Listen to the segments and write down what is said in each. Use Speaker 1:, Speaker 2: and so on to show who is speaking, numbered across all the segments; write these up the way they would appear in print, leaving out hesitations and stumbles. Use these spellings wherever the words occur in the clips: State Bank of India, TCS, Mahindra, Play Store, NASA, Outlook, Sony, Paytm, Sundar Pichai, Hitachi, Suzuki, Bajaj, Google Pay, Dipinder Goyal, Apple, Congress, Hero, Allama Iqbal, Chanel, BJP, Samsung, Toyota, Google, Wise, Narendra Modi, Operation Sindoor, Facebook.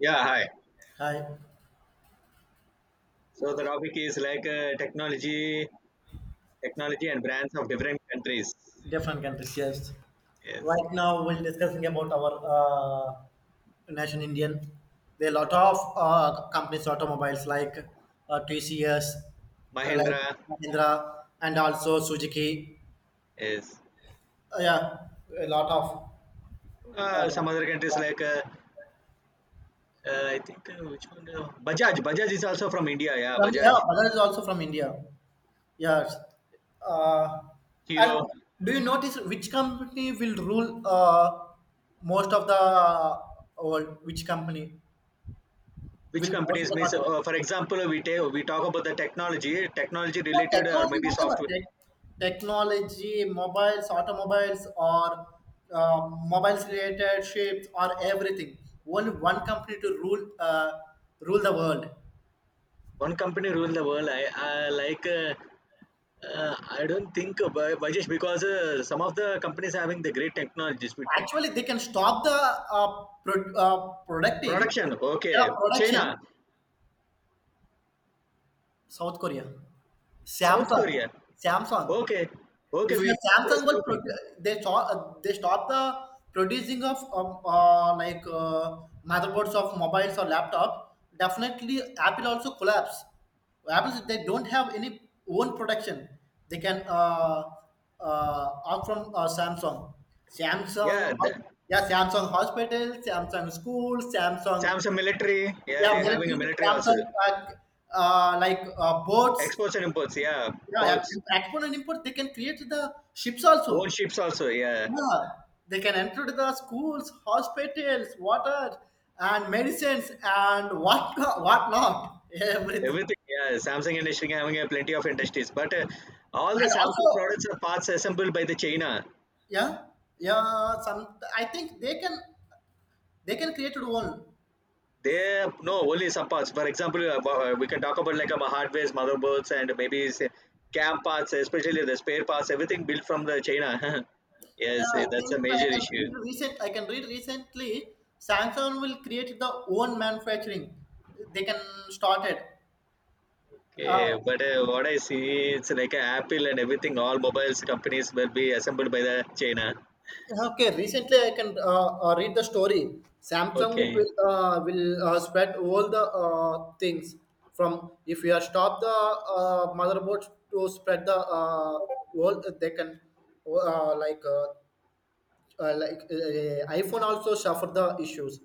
Speaker 1: Yeah, hi.
Speaker 2: Hi,
Speaker 1: So the topic is like technology, technology and brands of different countries.
Speaker 2: different countries, yes.
Speaker 1: Yes,
Speaker 2: Right now, we're discussing about our nation Indian. There are a lot of companies, automobiles like TCS, like
Speaker 1: Mahindra.
Speaker 2: Mahindra, and also Suzuki.
Speaker 1: Yes,
Speaker 2: Yeah, a lot of. Uh,
Speaker 1: some other countries like I think which one? Bajaj. Bajaj is also from India. Yeah,
Speaker 2: from, yeah,
Speaker 1: Bajaj.
Speaker 2: Bajaj is also from India. Yes. Uh, and
Speaker 1: Hero.
Speaker 2: do you notice which company will rule most of the world? Which company will
Speaker 1: Which
Speaker 2: most of
Speaker 1: companies
Speaker 2: the
Speaker 1: means?
Speaker 2: country?
Speaker 1: For example, we talk about the technology, technology
Speaker 2: Yeah,
Speaker 1: related or
Speaker 2: technology,
Speaker 1: maybe
Speaker 2: whatever
Speaker 1: software.
Speaker 2: tech, technology, mobiles, automobiles, or mobiles related ships, or everything. Only one company to rule the world.
Speaker 1: One company rule the world. I like. I don't think Bajaj because some of the companies having the great technologies. With-
Speaker 2: Actually, they can stop the producting,
Speaker 1: Production,
Speaker 2: yeah,
Speaker 1: okay.
Speaker 2: production.
Speaker 1: China,
Speaker 2: South Korea,
Speaker 1: South
Speaker 2: Samsung,
Speaker 1: Korea,
Speaker 2: Samsung.
Speaker 1: okay, okay.
Speaker 2: If your
Speaker 1: We
Speaker 2: Samsung will
Speaker 1: Samsung,
Speaker 2: they stop the producing of motherboards of mobiles or laptop, definitely Apple also collapse. Apple they don't have any own production. They can out from
Speaker 1: yeah.
Speaker 2: Samsung,
Speaker 1: The,
Speaker 2: yeah, Samsung hospital, Samsung school, Samsung
Speaker 1: Samsung military, yeah.
Speaker 2: yeah
Speaker 1: They're having a
Speaker 2: military,
Speaker 1: military also.
Speaker 2: Samsung, boats.
Speaker 1: Exports and imports, yeah.
Speaker 2: Yeah, yeah,
Speaker 1: Ports,
Speaker 2: export and import. They can create the ships
Speaker 1: own
Speaker 2: also.
Speaker 1: ships also, yeah.
Speaker 2: Yeah, they can enter the schools, hospitals, water, and medicines, and what not, everything.
Speaker 1: Everything, yeah. Samsung industry having plenty of industries, but all the
Speaker 2: And
Speaker 1: Samsung
Speaker 2: also,
Speaker 1: products are parts assembled by the China.
Speaker 2: yeah, yeah. Some I think they can create their own.
Speaker 1: They no only some parts. For example, we can talk about like hardware's motherboards and maybe say, cam parts, especially the spare parts, everything built from the China.
Speaker 2: Yeah,
Speaker 1: Yes, eh,
Speaker 2: I
Speaker 1: that's a
Speaker 2: think
Speaker 1: major issue.
Speaker 2: I can read recently. Samsung will create the own manufacturing. They can start it. Uh,
Speaker 1: Okay, but what I see, it's like Apple and everything. All mobiles companies will be assembled by the China.
Speaker 2: Okay, recently I can read the story. Samsung
Speaker 1: Okay,
Speaker 2: will spread all the things from if you are stop the motherboard to spread the all they can uh, like uh, iPhone also suffer the issues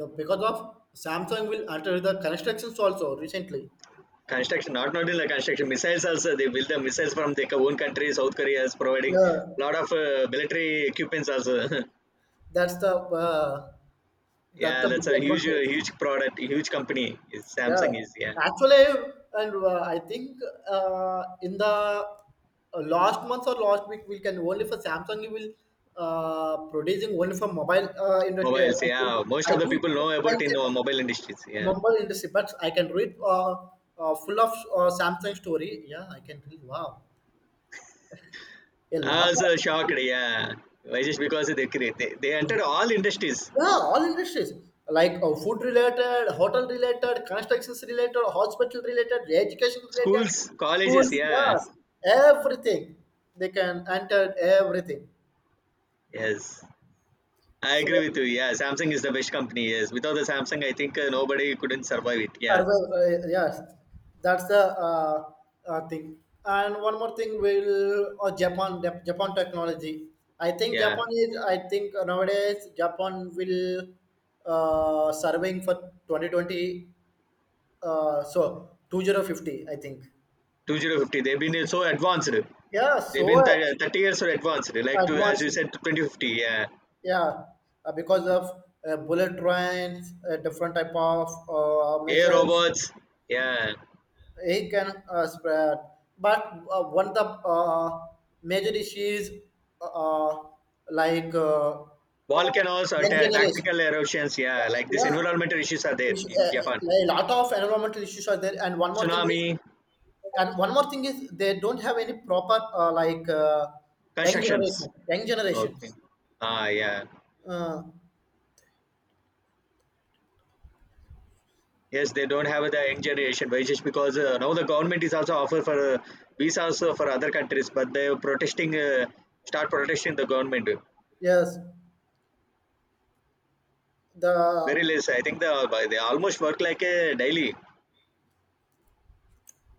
Speaker 2: because of Samsung will alter the constructions also recently.
Speaker 1: construction not in the construction missiles also they build the missiles from their own country. South Korea is providing
Speaker 2: Yeah,
Speaker 1: lot of military equipments also.
Speaker 2: that's the uh, that's
Speaker 1: Yeah,
Speaker 2: the
Speaker 1: that's
Speaker 2: big
Speaker 1: a huge,
Speaker 2: advantage.
Speaker 1: huge product, huge company. It's
Speaker 2: Yeah,
Speaker 1: Samsung is yeah,
Speaker 2: actually, and I think in the last month or last week, we can only for Samsung we will producing only for mobile industry.
Speaker 1: mobiles.
Speaker 2: Think
Speaker 1: Yeah, most
Speaker 2: I
Speaker 1: of the
Speaker 2: think
Speaker 1: people
Speaker 2: this
Speaker 1: know about in
Speaker 2: mindset, of
Speaker 1: mobile industries. Yeah,
Speaker 2: mobile industry, but I can read full of Samsung story. Yeah, I can read. Wow, a
Speaker 1: I
Speaker 2: lot
Speaker 1: was
Speaker 2: of.
Speaker 1: shocked. Yeah, why just because they create they entered all industries,
Speaker 2: Yeah, all industries like food related, hotel related, constructions related, hospital related, education related,
Speaker 1: schools, colleges.
Speaker 2: schools,
Speaker 1: Yeah,
Speaker 2: yes, everything they can enter everything.
Speaker 1: yes, I
Speaker 2: So,
Speaker 1: agree with you. Yeah, Samsung is the best company. Yes, without the Samsung, I think nobody couldn't survive it. Yeah,
Speaker 2: yes, that's the thing. And one more thing, will Japan technology. I think
Speaker 1: yeah,
Speaker 2: Japan is. I think nowadays Japan will surveying for 2020. So 2050, I think.
Speaker 1: 2050. They've been so advanced.
Speaker 2: Yeah,
Speaker 1: 30 years so advanced. Like to as
Speaker 2: advanced.
Speaker 1: you said, 2050. Yeah,
Speaker 2: Yeah, because of bullet trains, different type of
Speaker 1: AI
Speaker 2: missiles,
Speaker 1: robots. Yeah,
Speaker 2: it can spread. But one of the major issues, uh, like uh,
Speaker 1: volcanoes or
Speaker 2: young generation,
Speaker 1: tactical eruptions, yeah, like these
Speaker 2: yeah,
Speaker 1: environmental issues are there
Speaker 2: issue-
Speaker 1: in
Speaker 2: uh,
Speaker 1: Japan.
Speaker 2: like, a lot of environmental issues are there. And one more thing
Speaker 1: Tsunami,
Speaker 2: is, and one more thing is, they don't have any proper young
Speaker 1: constructions,
Speaker 2: generation, young
Speaker 1: okay,
Speaker 2: generations.
Speaker 1: ah, yeah,
Speaker 2: Uh,
Speaker 1: yes, they don't have the young generation, but it's just because now the government is also offer for visas for other countries, but they're protesting start protesting the government
Speaker 2: Yes,
Speaker 1: very
Speaker 2: the
Speaker 1: less. I think the they almost work like a daily.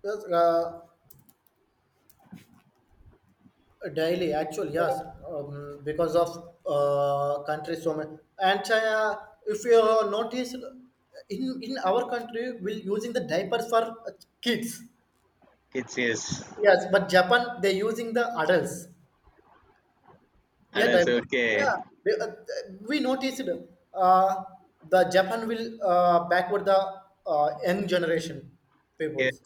Speaker 2: yes, uh, daily actually yes because of country so many and if you notice in our country we are using the diapers for uh, kids
Speaker 1: Kids, yes,
Speaker 2: yes but Japan they're using the adults yeah
Speaker 1: adults,
Speaker 2: diapers
Speaker 1: okay,
Speaker 2: yeah we, uh, we noticed uh, the Japan will backward the young generation
Speaker 1: yeah.
Speaker 2: peoples.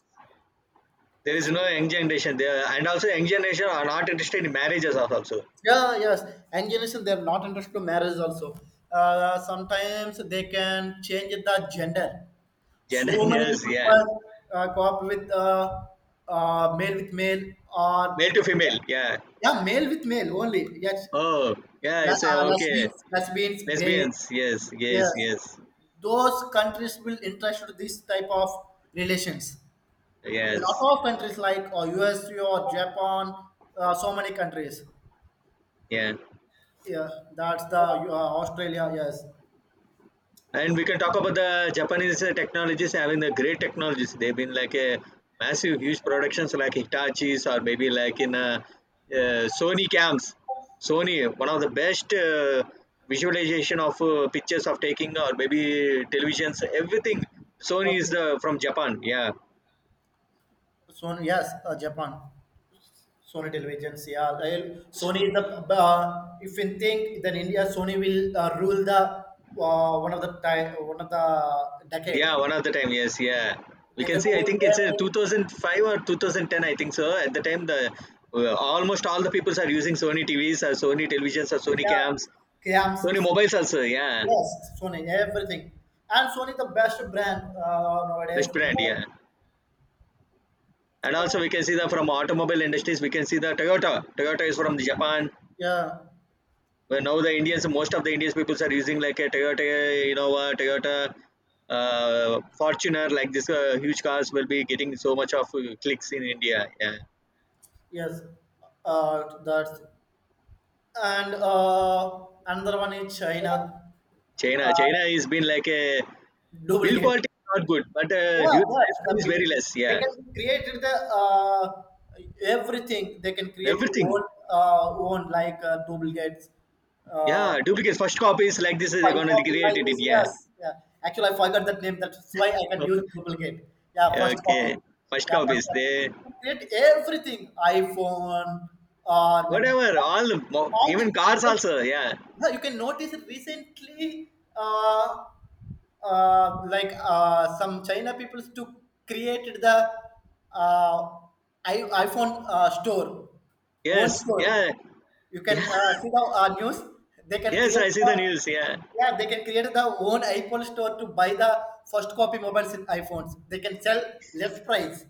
Speaker 1: There is no young generation there, and also young generation are not interested in marriages also.
Speaker 2: Yeah, yes. And they have not understood marriage also. Sometimes they can change the gender. So
Speaker 1: Gender,
Speaker 2: many
Speaker 1: yes,
Speaker 2: people
Speaker 1: yeah.
Speaker 2: first go up with male with male or
Speaker 1: Male to female, yeah.
Speaker 2: yeah, male with male only. Yes,
Speaker 1: Oh, yeah, it's a, okay.
Speaker 2: Lesbians, gay.
Speaker 1: Lesbians, yes, yes,
Speaker 2: Yes,
Speaker 1: yes,
Speaker 2: those countries will interested this type of relations. A lot
Speaker 1: yes,
Speaker 2: of countries like US or Japan, so many countries.
Speaker 1: yeah.
Speaker 2: Yeah, that's the Australia. Yes.
Speaker 1: And we can talk about the Japanese technologies having the great technologies. They've been like a massive, huge productions like Hitachi's or maybe like in Sony cams. Sony, one of the best visualization of pictures of taking or maybe televisions, everything. Sony is from Japan, yeah.
Speaker 2: Sony, yes, Japan. Sony televisions, yeah. Sony is the, if you think then India, Sony will rule the one of the time, one of the
Speaker 1: Yeah,
Speaker 2: decade.
Speaker 1: one of the time, yes, yeah. We
Speaker 2: They
Speaker 1: can
Speaker 2: can
Speaker 1: see, I
Speaker 2: rule
Speaker 1: think it's a
Speaker 2: everything.
Speaker 1: 2005 or 2010, I think so. At the time, the almost all the peoples are using Sony TVs or Sony televisions or Sony
Speaker 2: Yeah,
Speaker 1: cams, Sony
Speaker 2: Kiams,
Speaker 1: mobiles also, yeah.
Speaker 2: yes, Sony, everything. And Sony the best brand nowadays.
Speaker 1: Best brand, yeah. And also we can see that from automobile industries, we can see the Toyota. Toyota is from the Japan.
Speaker 2: Yeah,
Speaker 1: Where now the Indians, most of the Indians peoples are using like a Toyota Innova, Toyota Fortuner, like this huge cars will be getting so much of clicks in India, yeah.
Speaker 2: yes. That's and another one is China
Speaker 1: China, China has been like a build
Speaker 2: duplicate.
Speaker 1: quality is not good, but
Speaker 2: Yeah,
Speaker 1: due
Speaker 2: that's
Speaker 1: lifespan
Speaker 2: the
Speaker 1: is
Speaker 2: big.
Speaker 1: very less.
Speaker 2: They
Speaker 1: Yeah,
Speaker 2: can create the uh, everything. They can create own
Speaker 1: everything.
Speaker 2: duplicates. Uh,
Speaker 1: Yeah, duplicate first copies like this is they're
Speaker 2: Five
Speaker 1: gonna
Speaker 2: of
Speaker 1: create
Speaker 2: like
Speaker 1: it.
Speaker 2: this.
Speaker 1: Yeah.
Speaker 2: Yes. Yeah. Actually, I forgot that name. That's why I can use duplicate. Yeah. First copy.
Speaker 1: Okay, first
Speaker 2: Yeah. First
Speaker 1: copies
Speaker 2: copy.
Speaker 1: they
Speaker 2: Create everything. iPhone. Or mo-
Speaker 1: whatever all the
Speaker 2: all the
Speaker 1: even cars also.
Speaker 2: yeah,
Speaker 1: Yeah.
Speaker 2: you can notice it recently, some China people to created the uh, iPhone store, own
Speaker 1: Yes.
Speaker 2: store.
Speaker 1: Yeah.
Speaker 2: You can
Speaker 1: Yeah.
Speaker 2: see the news. They can
Speaker 1: Yes,
Speaker 2: create
Speaker 1: I see
Speaker 2: the,
Speaker 1: the news. Yeah.
Speaker 2: yeah, they can create the own iPhone store to buy the first copy mobiles in iPhones. They can sell less price.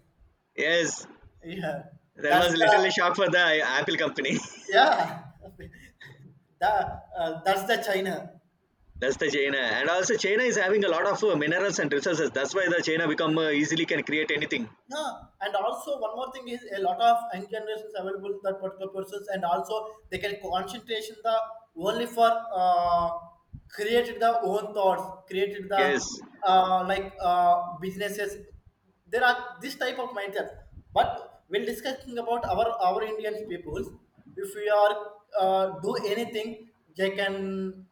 Speaker 1: Yes,
Speaker 2: Yeah,
Speaker 1: there
Speaker 2: that's
Speaker 1: was
Speaker 2: the
Speaker 1: literally shock for the Apple company.
Speaker 2: yeah. the, that's the China.
Speaker 1: That's the China, and also China is having a lot of minerals and resources. That's why the China become easily can create anything.
Speaker 2: Yeah, and also one more thing is a lot of young generations available to that particular persons, and also they can concentration the only for created the own thoughts, created the
Speaker 1: Yes.
Speaker 2: businesses. There are this type of mindset. But when discussing about our Indian peoples, if we are do anything, they can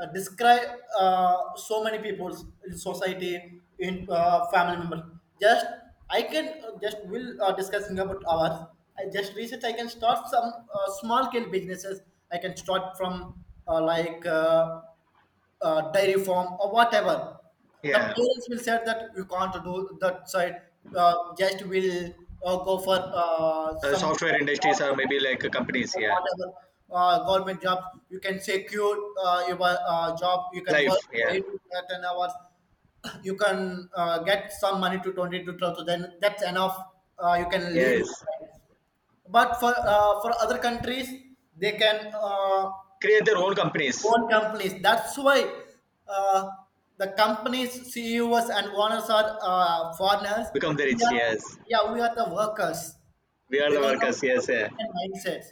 Speaker 2: describe so many people in society in family members just I can just will discussing about ours I just research I can start some small scale businesses I can start from uh, like uh, dairy farm or whatever. The
Speaker 1: Yeah,
Speaker 2: parents will say that you can't do that side. Just will go for some
Speaker 1: software industries are maybe like companies. Yeah,
Speaker 2: whatever government job. You can secure your job. You can
Speaker 1: life.
Speaker 2: work for
Speaker 1: Yeah,
Speaker 2: 8 to 10 hours. You can get some money to 20 to 12. So then that's enough. You can lead your
Speaker 1: yes.
Speaker 2: life. But for other countries, they can.
Speaker 1: Create their own companies,
Speaker 2: Own companies. That's why uh, the companies, CEOs, and owners are foreigners.
Speaker 1: become the
Speaker 2: We
Speaker 1: rich.
Speaker 2: are,
Speaker 1: Yes,
Speaker 2: yeah, we are the workers
Speaker 1: we are the
Speaker 2: because of
Speaker 1: workers.
Speaker 2: our
Speaker 1: Yes, yeah.
Speaker 2: Indian mindsets.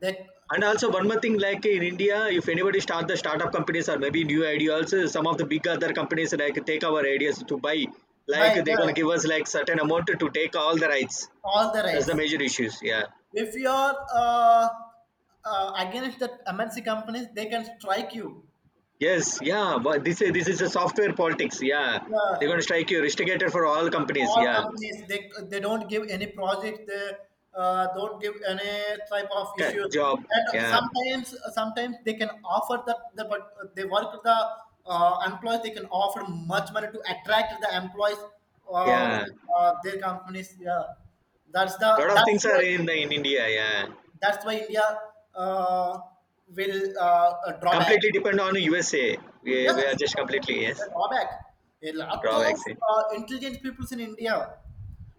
Speaker 2: They
Speaker 1: And also one more thing, like in India, if anybody start the startup companies or maybe new ideas, some of the big other companies like take our ideas to buy.
Speaker 2: by
Speaker 1: Like they're
Speaker 2: yeah,
Speaker 1: gonna give us like certain amount to take all the rights.
Speaker 2: all the
Speaker 1: That's the
Speaker 2: rights.
Speaker 1: major issues. Yeah.
Speaker 2: If you are against the MNC companies, they can strike you.
Speaker 1: Yes. Yeah. But this is a software politics. Yeah. They're
Speaker 2: Yeah,
Speaker 1: gonna strike you, restricted for all companies.
Speaker 2: all
Speaker 1: Yeah.
Speaker 2: companies they don't give any project they don't give any type of issues
Speaker 1: Correct, job.
Speaker 2: and
Speaker 1: Yeah,
Speaker 2: sometimes they can offer that the but they work with the employees they can offer much money to attract the employees
Speaker 1: yeah.
Speaker 2: from their companies yeah that's the
Speaker 1: Lot of
Speaker 2: that's
Speaker 1: things
Speaker 2: why
Speaker 1: are in the in India. Yeah,
Speaker 2: that's why india uh, will draw back.
Speaker 1: completely depend on USA. We,
Speaker 2: Yes,
Speaker 1: we are just
Speaker 2: definitely.
Speaker 1: completely yes
Speaker 2: The drawback. A lot
Speaker 1: raw
Speaker 2: of
Speaker 1: vaccine.
Speaker 2: intelligent people in India,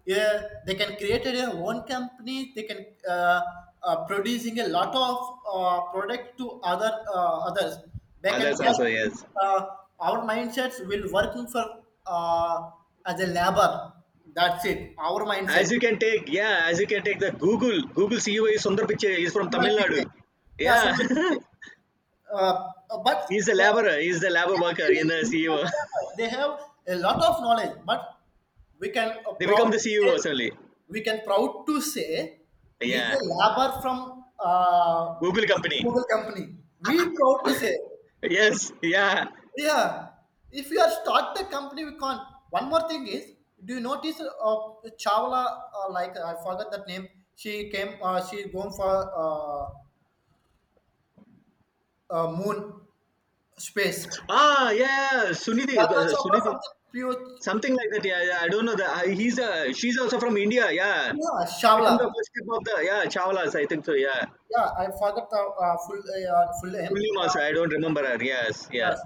Speaker 2: yeah, they can create their own company. They can producing a lot of product to other others. They can
Speaker 1: Others
Speaker 2: just
Speaker 1: also yes.
Speaker 2: uh, our mindsets will working for as a labor. That's it. Our
Speaker 1: As
Speaker 2: mindset.
Speaker 1: you can take yeah, as you can take the Google CEO is Sundar Pichai is from
Speaker 2: Somebody
Speaker 1: Tamil Nadu.
Speaker 2: Yeah,
Speaker 1: Yeah,
Speaker 2: somebody. Uh, but
Speaker 1: he's a
Speaker 2: uh,
Speaker 1: laborer. He's the labor worker in the CEO.
Speaker 2: they have a lot of knowledge but we can uh,
Speaker 1: They
Speaker 2: proud
Speaker 1: become the
Speaker 2: to say
Speaker 1: CEOs only.
Speaker 2: we can proud to say he's
Speaker 1: Yeah,
Speaker 2: a labor from
Speaker 1: Google company.
Speaker 2: Google company we proud to say
Speaker 1: Yes, yeah.
Speaker 2: yeah if you are start the company we can't one more thing is do you notice chawla like I forgot that name she going for moon space
Speaker 1: Ah, yeah, yeah. Sunidhi,
Speaker 2: Kalka Chopra
Speaker 1: Sunidhi.
Speaker 2: from the pure,
Speaker 1: Something like that. Yeah, yeah. I don't know. The, I, he's a. She's also from India. Yeah.
Speaker 2: yeah,
Speaker 1: She became the
Speaker 2: Shavla.
Speaker 1: first chef of the. Yeah, Chawlas. I think so. Yeah.
Speaker 2: Yeah, I forgot the full name.
Speaker 1: Fully also. I don't remember her. Yes.
Speaker 2: Yes.
Speaker 1: Yeah.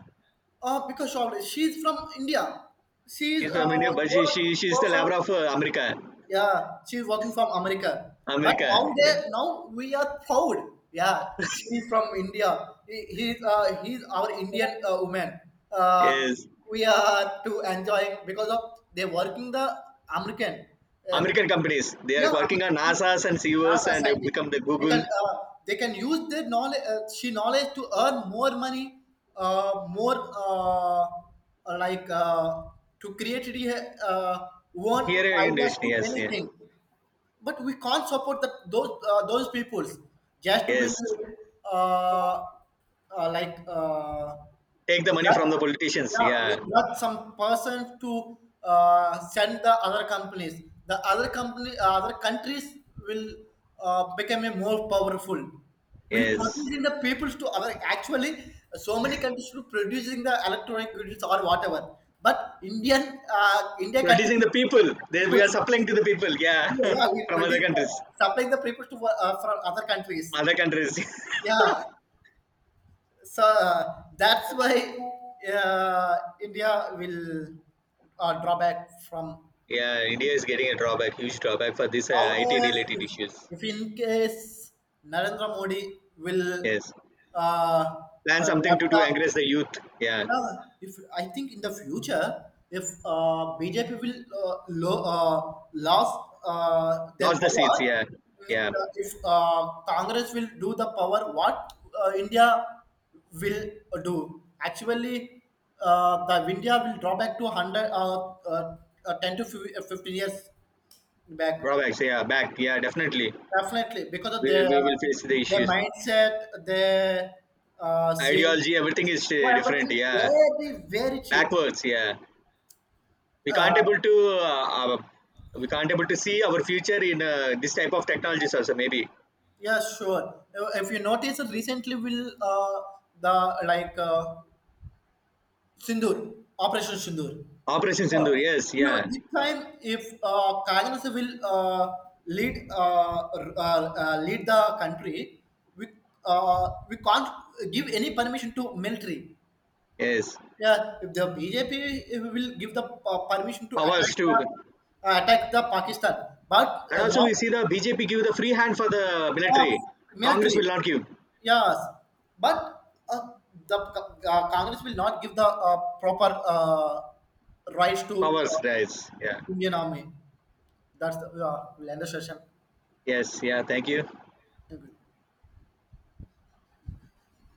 Speaker 2: Because Shavla, she's from India. She's
Speaker 1: She's from India, but she she
Speaker 2: go-
Speaker 1: she's
Speaker 2: go
Speaker 1: the
Speaker 2: from
Speaker 1: labor of America.
Speaker 2: yeah, she's working from America. But
Speaker 1: America. Yeah.
Speaker 2: nowadays, now we are proud. Yeah, she's from India. He's our Indian woman. Uh,
Speaker 1: Yes.
Speaker 2: we are to enjoying because of they working the American. Uh,
Speaker 1: American companies. They
Speaker 2: Yeah,
Speaker 1: are working
Speaker 2: American
Speaker 1: on
Speaker 2: company,
Speaker 1: NASA's and CEOs
Speaker 2: NASA
Speaker 1: and they
Speaker 2: scientists.
Speaker 1: become the
Speaker 2: They can
Speaker 1: Google
Speaker 2: uh, they can use their knowledge, she knowledge to earn more money, more like to create uh, one
Speaker 1: here in
Speaker 2: ideas
Speaker 1: Indonesia.
Speaker 2: to
Speaker 1: Yes. Yeah.
Speaker 2: anything but we can't support that those peoples just will
Speaker 1: Yes.
Speaker 2: uh, uh, like uh,
Speaker 1: Take the money from
Speaker 2: that-
Speaker 1: the politicians.
Speaker 2: yeah we
Speaker 1: Yeah.
Speaker 2: got some person to send the other companies the other company other countries will become a more powerful will
Speaker 1: Yes.
Speaker 2: producing the peoples to other actually so many countries to producing the electronic goods or whatever but india country
Speaker 1: Producing
Speaker 2: to
Speaker 1: the people.
Speaker 2: producing the
Speaker 1: They, we are
Speaker 2: peoples
Speaker 1: supplying to the people. Yeah.
Speaker 2: yeah, yeah, we
Speaker 1: From other
Speaker 2: produce the
Speaker 1: countries.
Speaker 2: supply the people to from other countries.
Speaker 1: Other countries.
Speaker 2: Yeah, so that's why India will draw back from
Speaker 1: Yeah, India is getting a drawback, huge drawback for this IT
Speaker 2: nowadays.
Speaker 1: related issues.
Speaker 2: If in case Narendra Modi will
Speaker 1: Yes.
Speaker 2: uh,
Speaker 1: Plan something
Speaker 2: love
Speaker 1: to
Speaker 2: the
Speaker 1: encourage the youth. Yeah.
Speaker 2: Yeah, if I think in the future, if BJP will lose their
Speaker 1: Lost the
Speaker 2: power,
Speaker 1: seats. Yeah. Yeah.
Speaker 2: if Congress will do the power, what India will do? Actually, the India will draw back to hundred, ten to 15 years back.
Speaker 1: Drawbacks. Yeah. Back. Yeah. Definitely.
Speaker 2: Definitely, because of
Speaker 1: We, we will face the
Speaker 2: their
Speaker 1: issues.
Speaker 2: mindset, their seeing,
Speaker 1: Ideology, everything is
Speaker 2: well,
Speaker 1: different.
Speaker 2: everything
Speaker 1: Yeah.
Speaker 2: very cheap.
Speaker 1: Backwards. Yeah. We can't able to. We can't able to see our future in this type of technologies also maybe.
Speaker 2: Yeah, sure. If you notice, recently will the like Sindoor Operation Sindoor.
Speaker 1: Operation
Speaker 2: Sure.
Speaker 1: Sindoor, yes,
Speaker 2: No,
Speaker 1: yeah,
Speaker 2: this time if Congress will lead lead the country, we we can't give any permission to military.
Speaker 1: yes.
Speaker 2: Yeah, if the BJP will give the permission to attack
Speaker 1: Powers too.
Speaker 2: attack the Pakistan, but
Speaker 1: And also
Speaker 2: not
Speaker 1: we see the BJP give the free hand for the
Speaker 2: of
Speaker 1: military. Congress will
Speaker 2: military.
Speaker 1: not give
Speaker 2: Yes, but the Congress will not give the proper rights to
Speaker 1: powers, guys. Yeah.
Speaker 2: Indian Army. That's the we'll end the session.
Speaker 1: Yes. Yeah. Thank you.
Speaker 2: Thank you.